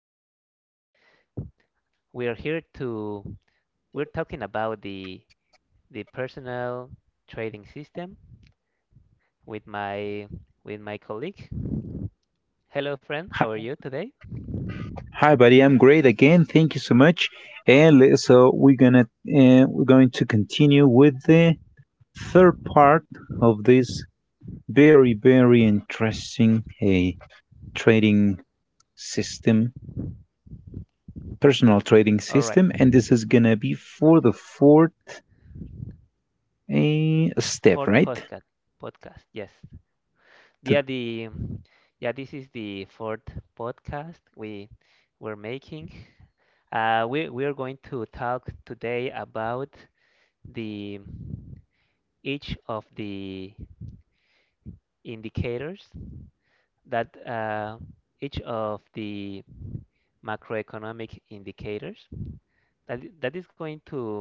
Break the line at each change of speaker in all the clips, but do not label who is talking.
us again. We are here to we're talking about the personal trading system with my colleague. Hello friend, how
Hi,
are you today?
hi, buddy. I'm great again. Thank you so much. So we're gonna we're going to continue with the third part of this very very interesting a trading system, personal trading
All right.
system, and this is gonna be for the fourth a step,
Fourth
right?
podcast. Podcast. Yes.
The,
Yeah, the yeah, this is the fourth podcast we were making. We are going to talk today about the each of the indicators that each of the macroeconomic indicators that is going to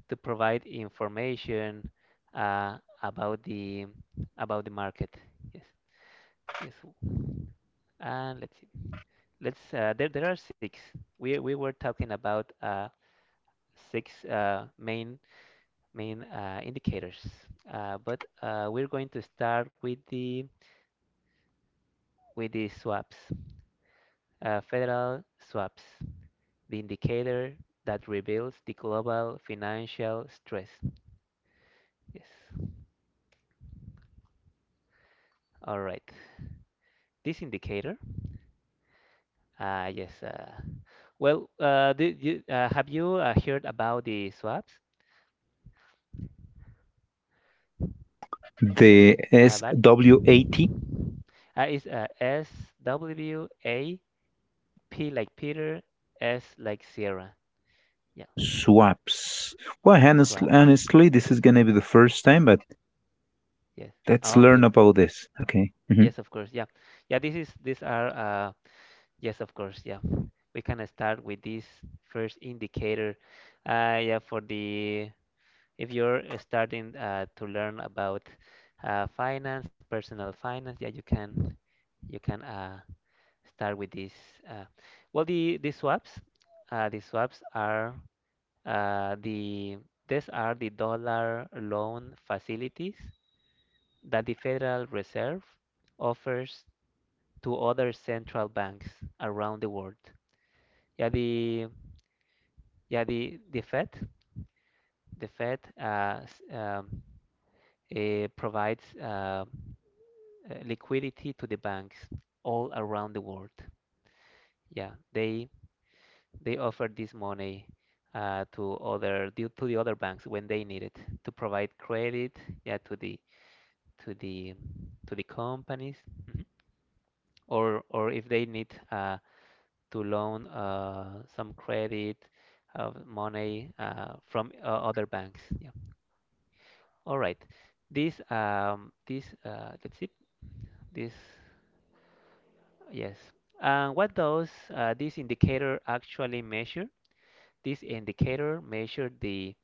provide information uh, about the market. Yes, yes. And let's see. Let's there are six. We were talking about six main indicators, but we're going to start with the swaps, federal swaps, the indicator that reveals the global financial stress. Yes. All right. This indicator, uh, yes. Uh, do you, have you heard about the swaps,
the
Barry?
SWAT
It's SWAP like Peter, S like Sierra. Yeah. S
swaps. Well, honestly,
swaps.
honestly, this is gonna be the first time, but
Yes.
let's
Ah,
learn
okay.
about this. Okay. Mm-hmm.
Yes, of course. Yeah. Yeah, this is these are Yes, of course. Yeah, we can start with this first indicator. Yeah, for the if you're starting to learn about finance, personal finance, yeah, you can you can uh, start with this. Uh, the swaps, the swaps are the these are the dollar loan facilities that the Federal Reserve offers to other central banks around the world. Yeah, the the Fed, the Fed provides liquidity to the banks all around the world. Yeah, they they offer this money to the other banks when they need it to provide credit. Yeah, to the to the companies, mhm, or if they need to loan some credit of money from other banks. Yeah. All right. This this let's see. This yes. And what does this indicator actually measure? This indicator measures the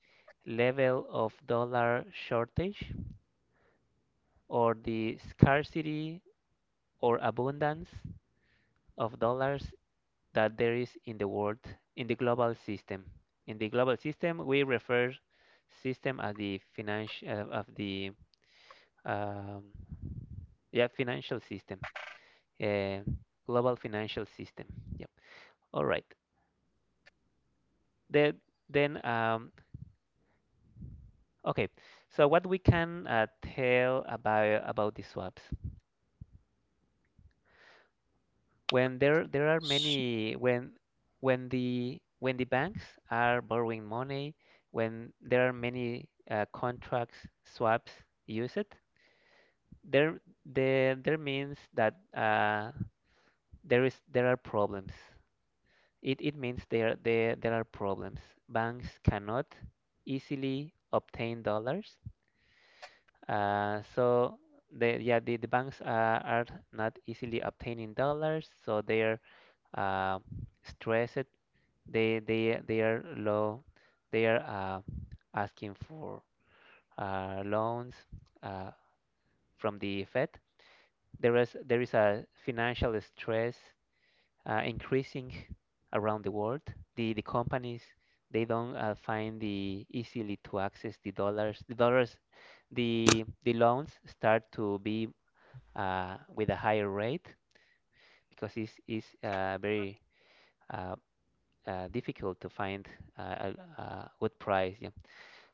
level of dollar shortage or the scarcity or abundance of dollars that there is in the world in the global system. In the global system, we refer system as the financial of the um, yeah financial system, uh, global financial system. Yep. All right. The, then, okay. So what we can tell about the swaps? When there are many when the banks are borrowing money, when there are many contracts swaps used, there means that there are problems. It means there are problems. Banks cannot easily obtain dollars. So the banks are not easily obtaining dollars, so they're uh, stressed. They are low. They are asking for loans uh, from the Fed. There is a financial stress increasing around the world. The companies, they don't find the easily to access the dollars. The dollars, the loans start to be with a higher rate because it's very uh, difficult to find uh, a good price. Yeah.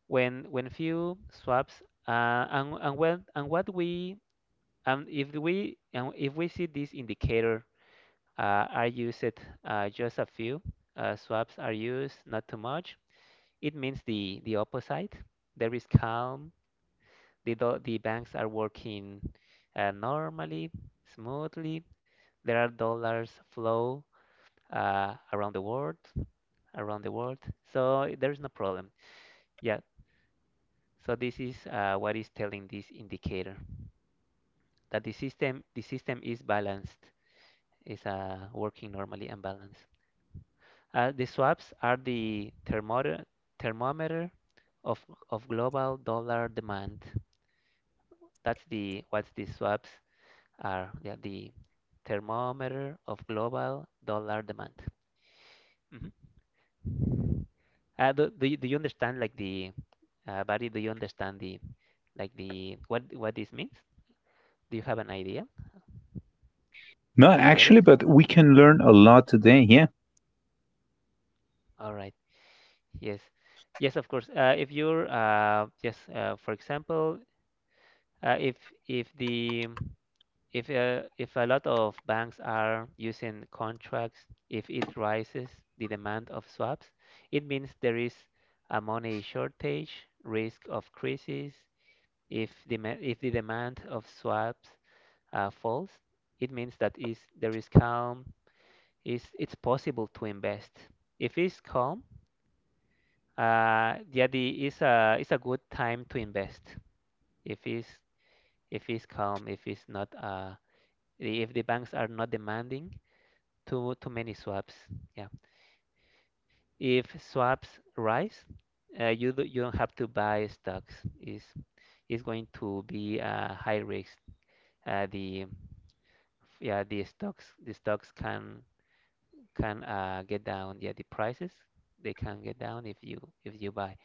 When few swaps uh, and when and what we and if we and if we see this indicator are used just a few. Swaps are used, not too much. It means the opposite. There is calm. The banks are working normally, smoothly. There are dollars flow uh, around the world, around the world. So there is no problem. Yeah. So this is what is telling this indicator, that the system is balanced, is working normally and balanced. The swaps are the thermometer, thermometer of, of global dollar demand. That's the what the swaps are. Yeah, the thermometer of global dollar demand. Mhm. Do you understand like the Barry? Do you understand the like the what this means? Do you have an idea?
No,
Do you get
actually,
it?
but we can learn a lot today. Yeah,
All right. Yes. Yes, of course. If you're yes, for example, uh, if if the if a lot of banks are using contracts, if it rises the demand of swaps, it means there is a money shortage, risk of crisis. If the demand of swaps falls, it means that is there is calm. Is It's possible to invest. If it's calm, yeah, the is a it's a good time to invest. If it's if it's calm, if it's not if the banks are not demanding too many swaps. Yeah. If swaps rise, you don't have to buy stocks. Is is going to be a high risk. Uh, the the stocks can get down. Yeah, the prices, they can get down if you buy.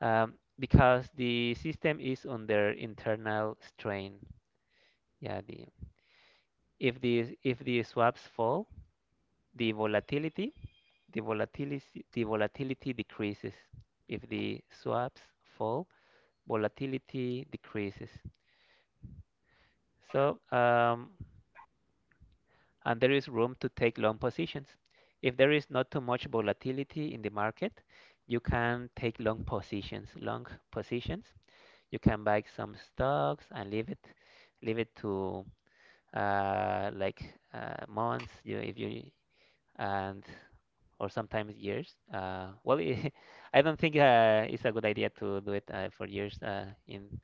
Um, because the system is under internal strain. Yeah, the if the swaps fall, the volatility the volatility decreases. If the swaps fall, volatility decreases. So um, and there is room to take long positions. If there is not too much volatility in the market, you can take long positions. Long positions. You can buy some stocks and leave it to like months. You if you and or sometimes years. I don't think it's a good idea to do it for years uh, in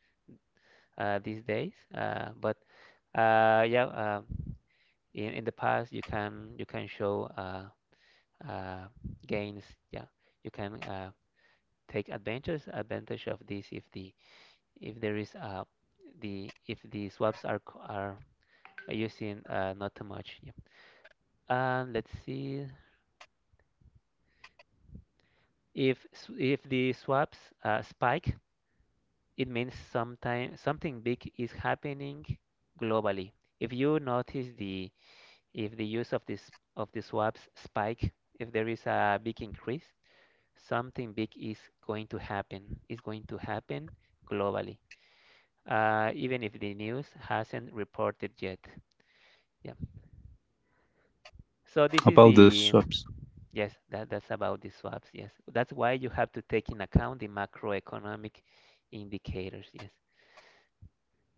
uh, these days. Uh, but uh, yeah, uh, in in the past you can show uh, gains. Yeah, you can take advantage of this if there is the if the swaps are using not too much. Yeah. And let's see if the swaps spike, it means sometime something big is happening globally. If you notice the if the use of this of the swaps spike, if there is a big increase, something big is going to happen. Is going to happen globally, even if the news hasn't reported yet. Yeah. So this is
about the
the
swaps,
yes, that that's about the swaps. Yes, that's why you have to take in account the macroeconomic indicators. Yes.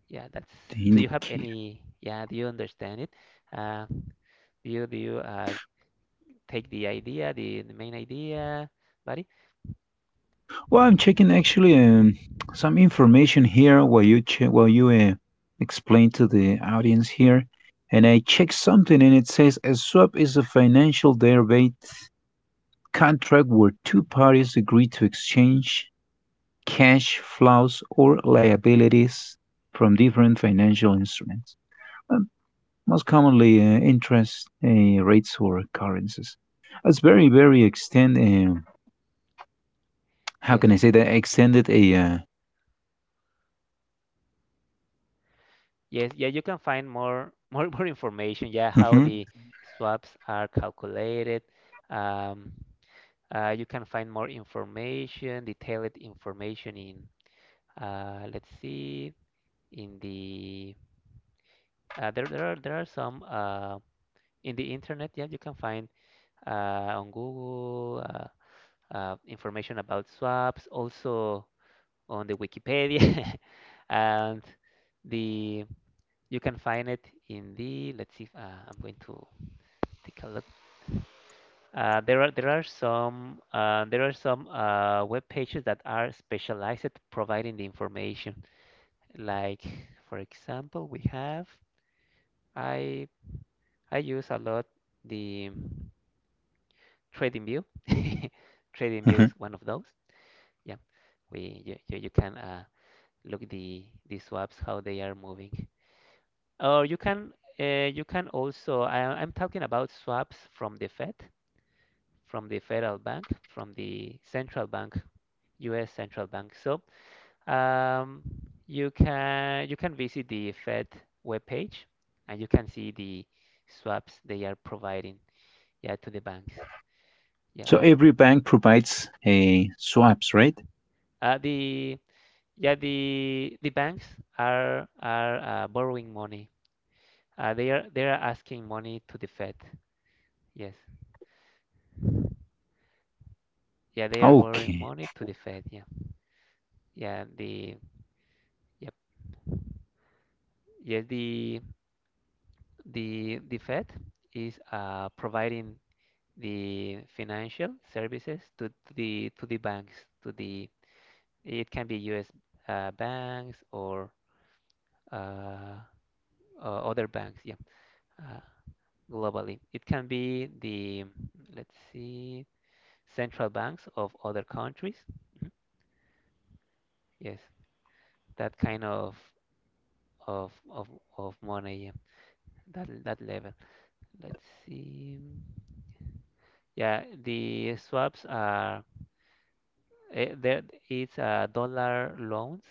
Yeah, that's.
the
Do you have
indicator.
any? Yeah, do you understand it? Uh, do you take the idea, the main idea, buddy?
Well, I'm checking actually some information here while you check while you explain to the audience here. And I checked something, and it says a swap is a financial derivative contract where two parties agree to exchange cash flows or liabilities from different financial instruments. Um, Most commonly interest rates or currencies. It's very, very extended. How can
Yes,
I say that? Extended a.
yes, yeah. You can find more more information. Yeah, how
Mhm,
the swaps are calculated. Um, you can find more information, detailed information in. Let's see, in the there there are some in the internet. Yeah, you can find on Google. Information about swaps, also on the Wikipedia, and the you can find it in the. Let's see. If, I'm going to take a look. There are some web pages that are specialized at providing the information. Like for example, we have I I use a lot the TradingView. TradingView
mhm.
is one of those. Yeah, you can look the swaps how they are moving. Or you can also I'm talking about swaps from the Fed, from the federal bank, from the central bank, U.S. central bank. So um, you can visit the Fed webpage and you can see the swaps they are providing, yeah, to the banks, yeah.
So
Also
every bank provides a swaps, right?
the yeah the banks are borrowing money, they are asking money to the Fed. Yes. Yeah, they are borrowing
Okay.
money to the Fed. Yeah. Yeah. The yep. Yes. The Fed is providing the financial services to the banks. To the it can be U.S. Banks or uh, other banks. Yeah. Uh, Globally, it can be the let's see central banks of other countries. Mhm. Yes. That kind of of of money. Yeah, that that level. Let's see. Yeah, the swaps are eh, there. It's dollar loans,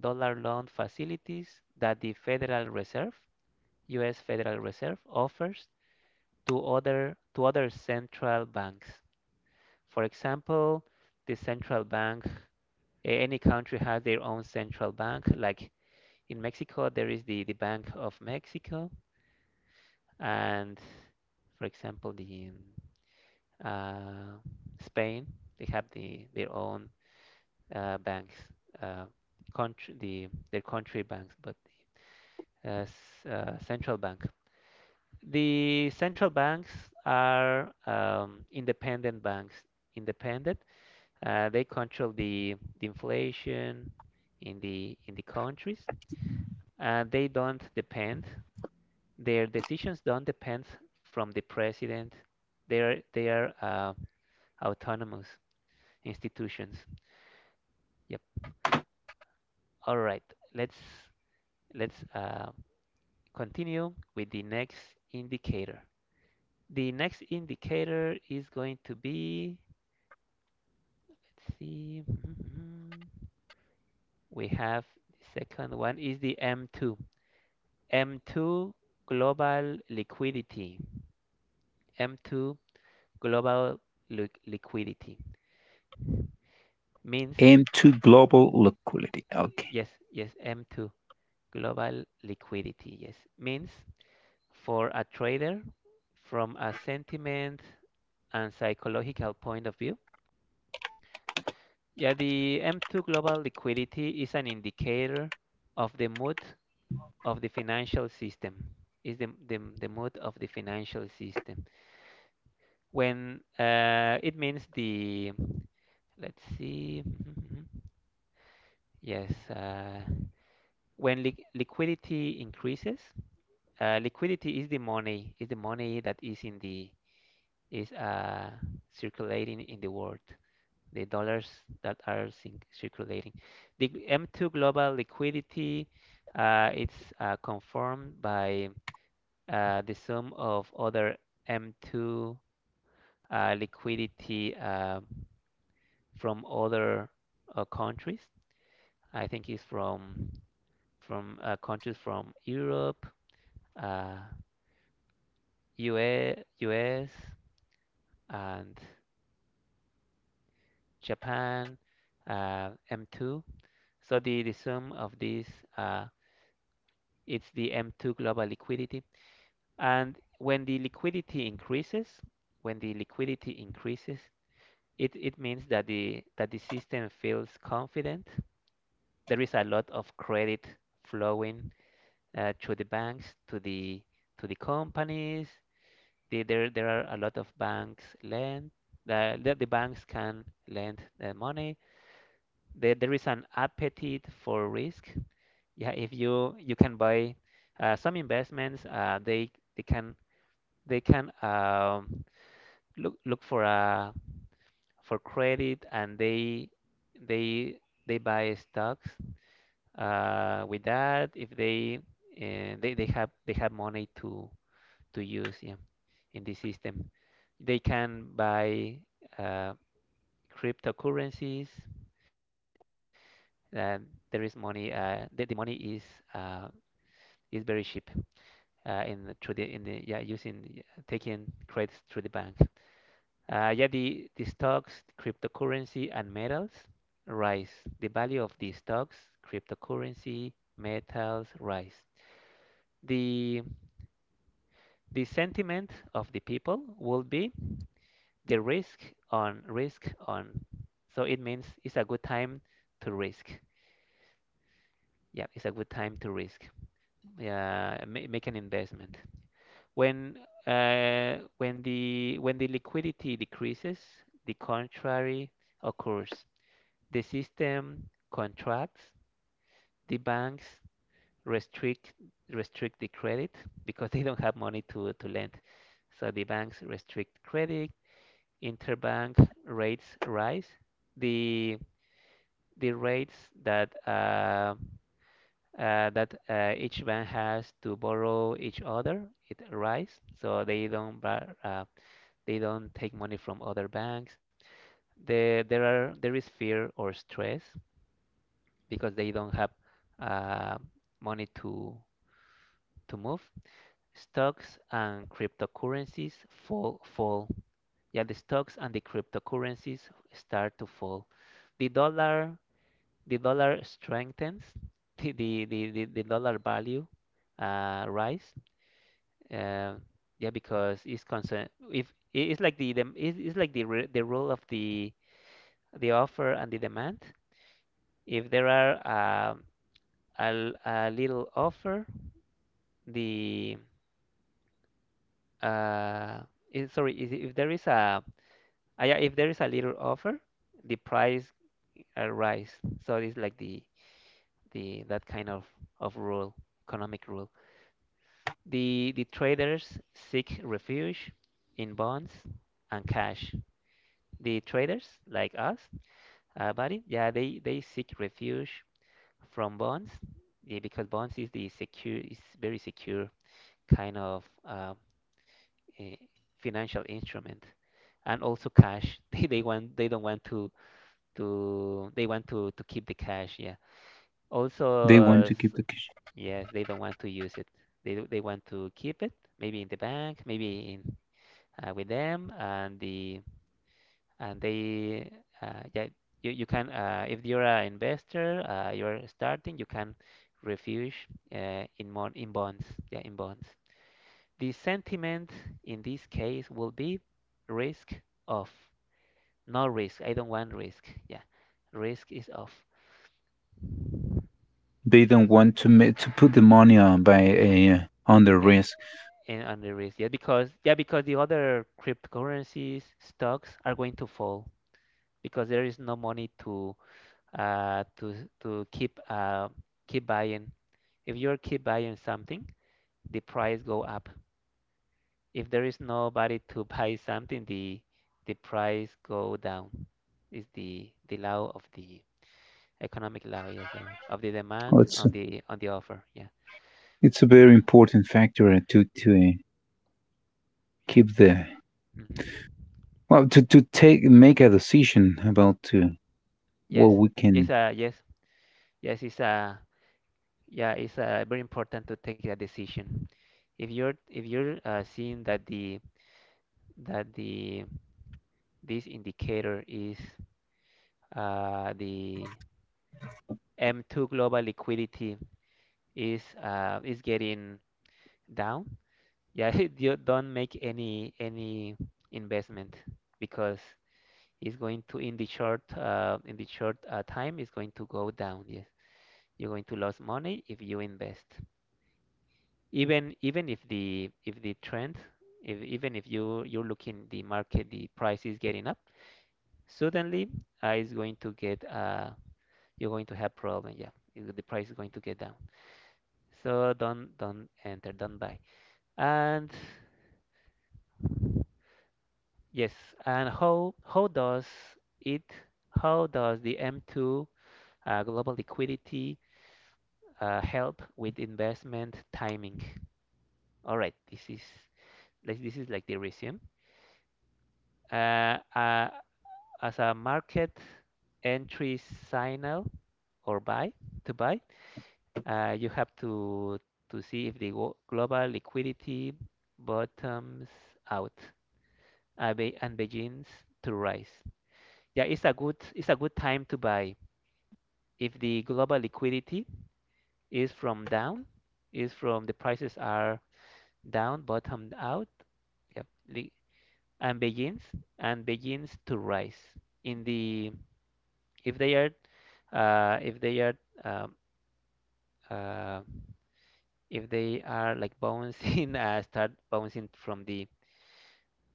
dollar loan facilities that the Federal Reserve, U.S. Federal Reserve, offers to other central banks. For example, the central bank. Any country has their own central bank. Like in Mexico, there is the Bank of Mexico, and for example, the uh, Spain, they have their own banks, uh, country the their country banks, but uh, central bank. The central banks are independent banks. Independent, they control the inflation in the countries. They don't depend. Their decisions don't depend from the president. They are autonomous institutions. Yep. All right, let's let's continue with the next indicator. The next indicator is going to be, let's see, mm-hmm. We have the second one is the M2. M2 global liquidity. M2 global liquidity means,
Aim to global liquidity. Okay.
yes, yes, M2 global liquidity, yes, means for a trader from a sentiment and psychological point of view. Yeah, the M2 global liquidity is an indicator of the mood of the financial system. Is the mood of the financial system when it means the let's see mm-hmm. yes uh, when liquidity increases, liquidity is the money, is the money that is in the, is circulating in the world, the dollars that are circulating. The M2 global liquidity, it's confirmed by the sum of other M2 liquidity from other countries. I think it's from countries from Europe, uh, US, and Japan, M2. So the sum of these, uh, it's the M2 global liquidity. And when the liquidity increases, when the liquidity increases, it means that the system feels confident. There is a lot of credit flowing to the banks, to the, to the companies. There there are a lot of banks lend, that the banks can lend money. There is an appetite for risk. Yeah, if you can buy some investments, they can look for credit, and they they buy stocks with that. If they, they have money to use, yeah, in this system. They can buy uh, cryptocurrencies, uh, there is money, the money uh, is very cheap, in through the in the yeah using yeah, taking credits through the bank. Yeah, the stocks, cryptocurrency, and metals rise. The value of the stocks, cryptocurrency, metals rise. The the sentiment of the people will be the risk on. So it means it's a good time to risk. Yeah, it's a good time to risk. Yeah, make an investment. When when the liquidity decreases, the contrary occurs. The system contracts, the banks restrict restrict the credit because they don't have money to lend. So the banks restrict credit, interbank rates rise. The the rates that each bank has to borrow each other, it rise, so they don't they don't take money from other banks. There is fear or stress because they don't have uh, money to move. Stocks and cryptocurrencies fall. Yeah, the stocks and the cryptocurrencies start to fall. The dollar the dollar strengthens. The dollar value rise. Uh, yeah, because it's concern. If it's like the role of the offer and the demand. If there are a little offer, the uh, sorry, if there is a, ah, yeah, if there is a little offer, the price rise. So it's like the that kind of rule, economic rule. The traders seek refuge in bonds and cash. The traders like us, buddy, yeah, they seek refuge from bonds, yeah, because bonds is the secure, is very secure kind of eh, financial instrument, and also cash. They want they don't want to, they want to keep the cash. Yeah.
They want to keep the cash.
Also, yes, they don't want to use it. They want to keep it, maybe in the bank, maybe in with them, and the, and they, yeah, you can, if you're an investor, you're starting, you can refuge in more in bonds, yeah, in bonds. The sentiment in this case will be risk off. No risk, I don't want risk, yeah, risk is off.
They don't want to ma- to put the money on by on the risk.
and and on the risk, yeah, because yeah, because the other cryptocurrencies, stocks are going to fall because there is no money to uh, to to keep, keep buying. If you're keep buying something, the price go up. If there is nobody to buy something, the price go down. Is the law of the economic law, yes, of
It's
the demand on the offer. Yeah.
it's a very important factor to keep the
hmm
well to take make a decision about well
Yes. Yes. Yes. Yes. It's Yeah. It's very important to take that decision. If you're seeing that the this indicator is the M2 global liquidity is getting down. Yeah, you don't make any investment because it's going to, in the short time it's going to go down. Yes, you're going to lose money if you invest. Even even if the trend, if even if you're looking the market, the price is getting up suddenly, it's going to get you're going to have problem. Yeah, the price is going to get down. So don't enter, don't buy. And yes, and how does it, how does the M2 global liquidity help with investment timing? All right, this is, this is like the resume. Uh, uh, as a market entry signal, or buy to buy, you have to see if the global liquidity bottoms out and begins to rise. Yeah, it's a good, it's a good time to buy if the global liquidity is from down, is from, the prices are down, bottomed out, yeah, and begins, and begins to rise. In the, if they are if they are um, uh, if they are like bouncing start bouncing from the,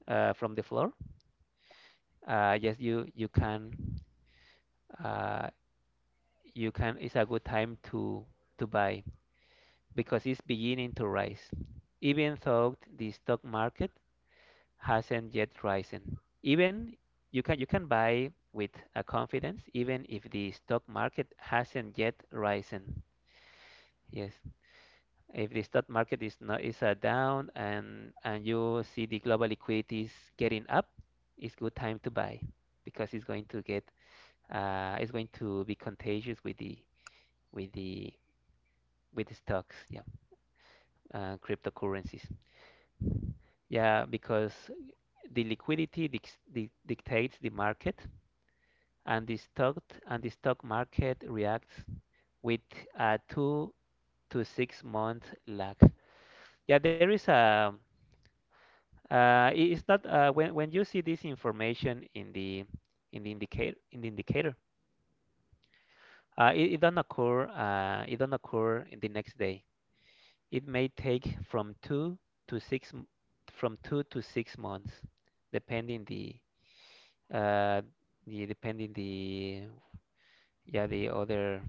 from the floor, yes, you can, uh, you can, it's a good time to buy because it's beginning to rise, even though the stock market hasn't yet risen. Even, you can buy with a confidence even if the stock market hasn't yet risen. Yes, if the stock market is not, is a down, and you see the global liquidities getting up, it's good time to buy because it's going to get it's going to be contagious with the, with the with the stocks, yeah, cryptocurrencies. Yeah, because the liquidity dictates the market, and the stock, and the stock market reacts with a 2 to 6 month lag. Yeah, there is a it's not when when you see this information in the, in the indicator, it don't occur, it don't occur in the next day. It may take from two to six from 2 to 6 months, depending uh the, yeah, the other,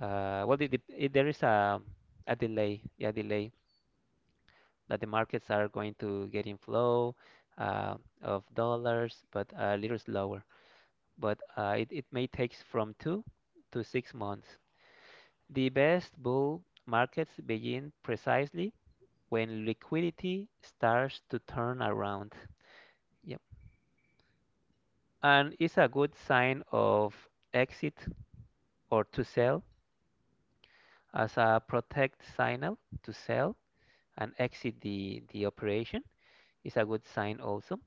well there is a delay, yeah, delay that the markets are going to get in flow uh, of dollars, but a little slower. But it may take from 2 to 6 months. The best bull markets begin precisely when liquidity starts to turn around. Yep. And it's a good sign of exit, or to sell, as a protect signal to sell and exit the operation, is a good sign also.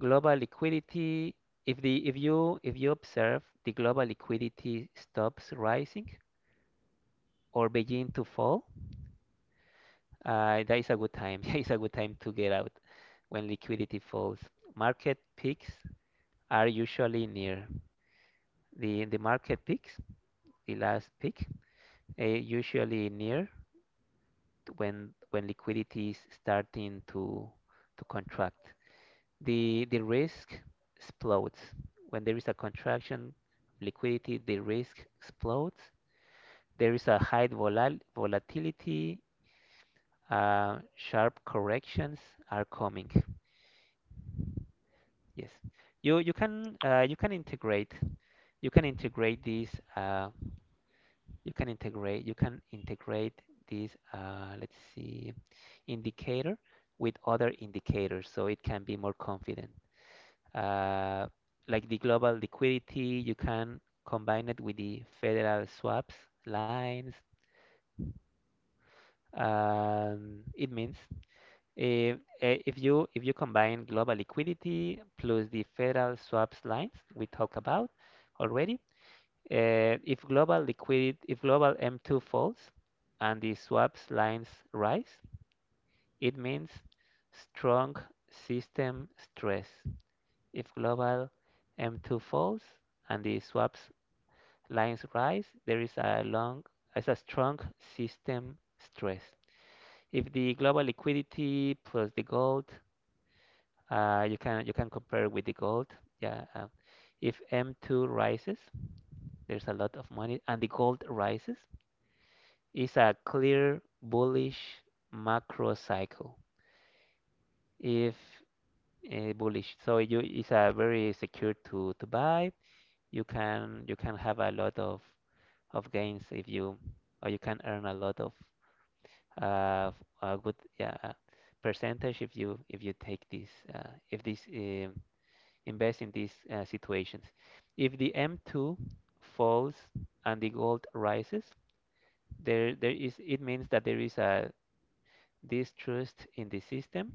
Global liquidity, if you, if you observe the global liquidity stops rising or begin to fall, that is a good time. It's a good time to get out when liquidity falls. Market peaks are usually near. The market peaks, the last peak, usually near when liquidity is starting to contract. The risk explodes. When there is a contraction of liquidity, the risk explodes. There is a high volal volatility, sharp corrections are coming. Yes. You can you can integrate these, uh, you can integrate this let's see indicator with other indicators so it can be more confident, uh, like the global liquidity. You can combine it with the federal swaps lines. It means, if you, if you combine global liquidity plus the federal swaps lines we talked about already. If global M2 falls and the swaps lines rise, it means strong system stress. If global M2 falls and the swaps lines rise, there is a long, is a strong system stress. If the global liquidity plus the gold, you can, you can compare with the gold. Yeah, if M2 rises, there's a lot of money, and the gold rises, is a clear bullish macro cycle. If bullish, so you, it's a very secure to buy. You can, you can have a lot of gains if you, or you can earn a lot of a good, yeah, percentage if you, if you take this, if this invest in these situations. If the M2 falls and the gold rises, there is it means that there is a this trust in the system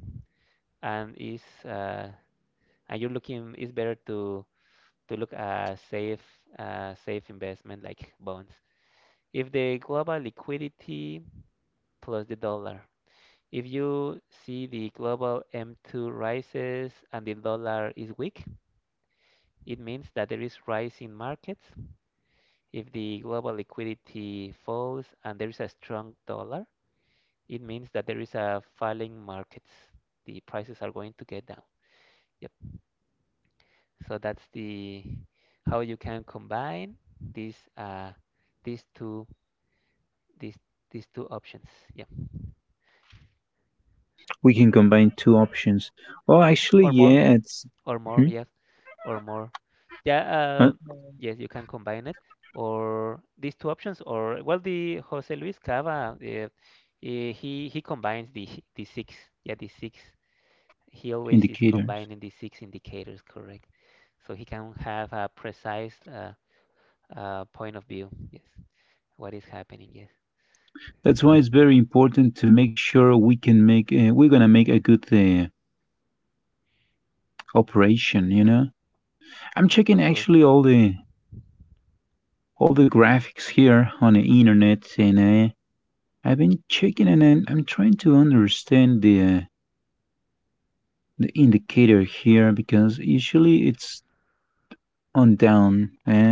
and is and you're looking it's better to look at safe safe investment like bonds. If the global liquidity plus the dollar, if you see the global M2 rises and the dollar is weak, it means that there is rise in markets. If the global liquidity falls and there is a strong dollar, it means that there is a falling markets, the prices are going to get down. Yep. So that's the how you can combine these these two these these two options. Yeah,
we can combine two options. Well, actually, yeah, it's hmm,
or more, or more. Yes,
uh,
or more. Yeah. Yes, you can combine it or these two options. Or well, the Jose Luis Cava, he combines the the six. Yeah, the six.
indicators.
He always is combining the six indicators. Correct. So he can have a precise point of view. Yes, what is
That's why it's
happening?
very
Yes,
important to make sure we can make we're gonna make a good operation. You know, I'm checking actually
of course.
all the graphics here on the internet and. I've been checking and I'm trying to understand the indicator here because usually it's on down.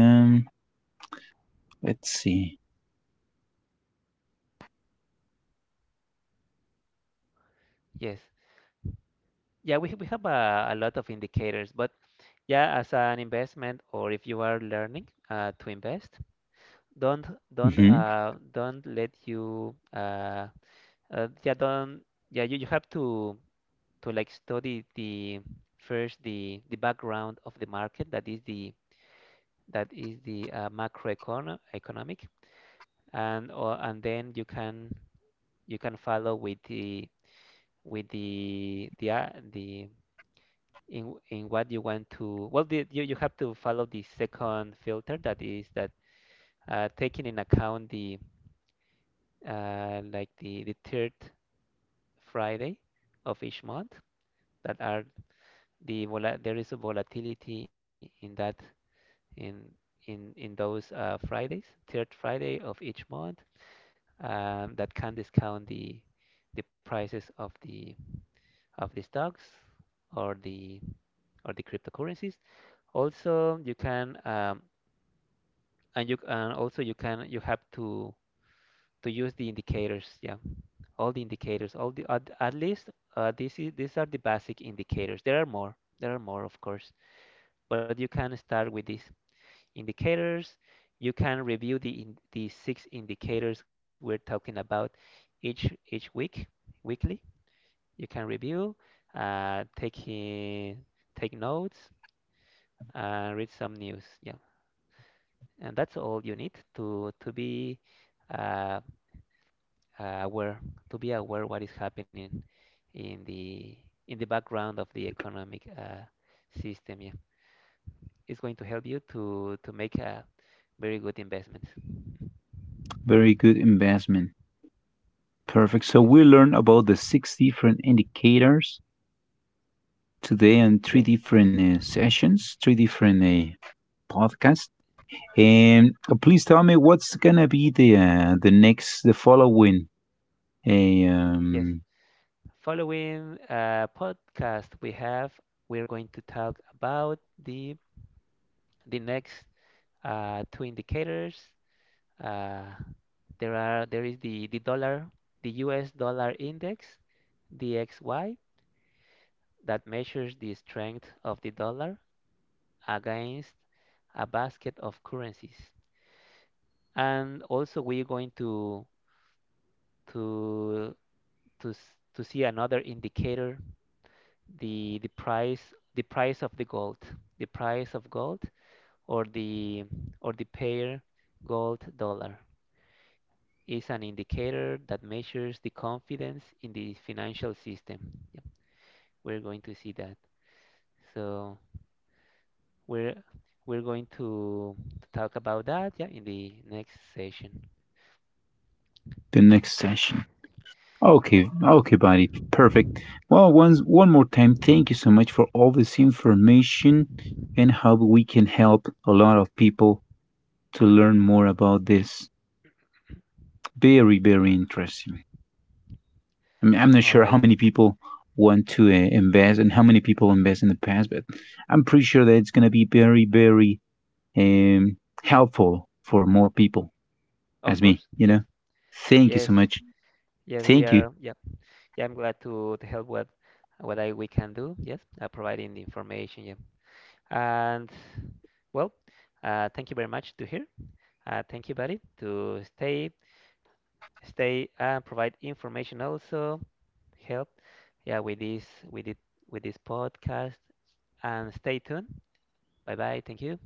Let's see.
Yes. Yeah, we have a lot of indicators, but yeah, as an investment or if you are
Hmm.
learning to invest, don't don't let you yeah don't yeah you have to like study the first the background of the market, that is the macroecono economic. And then you can follow with the the, in what you want to, well you, you have to follow the second filter, that is that taking in account the like, the third Friday of each month, that are the vola- there is a volatility in that, in in those Fridays, third Friday of each month, that can discount the prices of the stocks or the or the cryptocurrencies. Also you can and you and also you can, you have to use the indicators. Yeah, all the indicators, all the at least this is, these are the basic indicators. There are more, there are more of course, but you can start with these indicators. You can review the in, the six indicators we're talking about, each week, weekly you can review, take in, take notes, and read some news. Yeah, and that's all you need to be uh, aware, to be aware what is happening in the in the background of the economic system. Yeah, it's going to help you to make a
Very good
very good
investment.
investment.
Perfect. So we learned about the six different indicators
Yes,
today on three different sessions, three different
yes,
podcasts. And please tell me what's gonna be the next, the following, uh, um,
yes. Following podcast we have, we're going to talk about the the next two indicators. Uh, there is the dollar, the U.S. dollar index, the XY, that measures the strength of the dollar against a basket of currencies. And also we're going to to to see another indicator, the price, the price of the gold, the price of gold, or the or the pair gold dollar, is an indicator that measures the confidence in the financial system. Yep. We're going to see that. So we're we're going to talk about that, yeah, in the
the
next
next session.
session.
Okay, okay, buddy. Perfect. Well, once one
Yeah,
more time,
next.
thank you so much for all this information and how we can help a lot of people to learn more about this. Very, very interesting. I mean, I'm not sure how many people want to invest and how
All
many
right.
people invest in the past, but I'm pretty sure that it's gonna be very, very um, helpful for more people as me. You know. Thank you so much.
Of course.
Thank you.
Yes. Yes. Yes, we are. Yeah. Yeah, I'm glad to help what I we can do. Yes, providing the information. Yeah. And well, thank you very much to hear. Thank you, buddy, to stay, stay and provide information, also help. Yeah, with this with it with this podcast, and stay
Thank
tuned.
you so much. Thank
Bye
you. Bye
bye.
bye.
Thank you.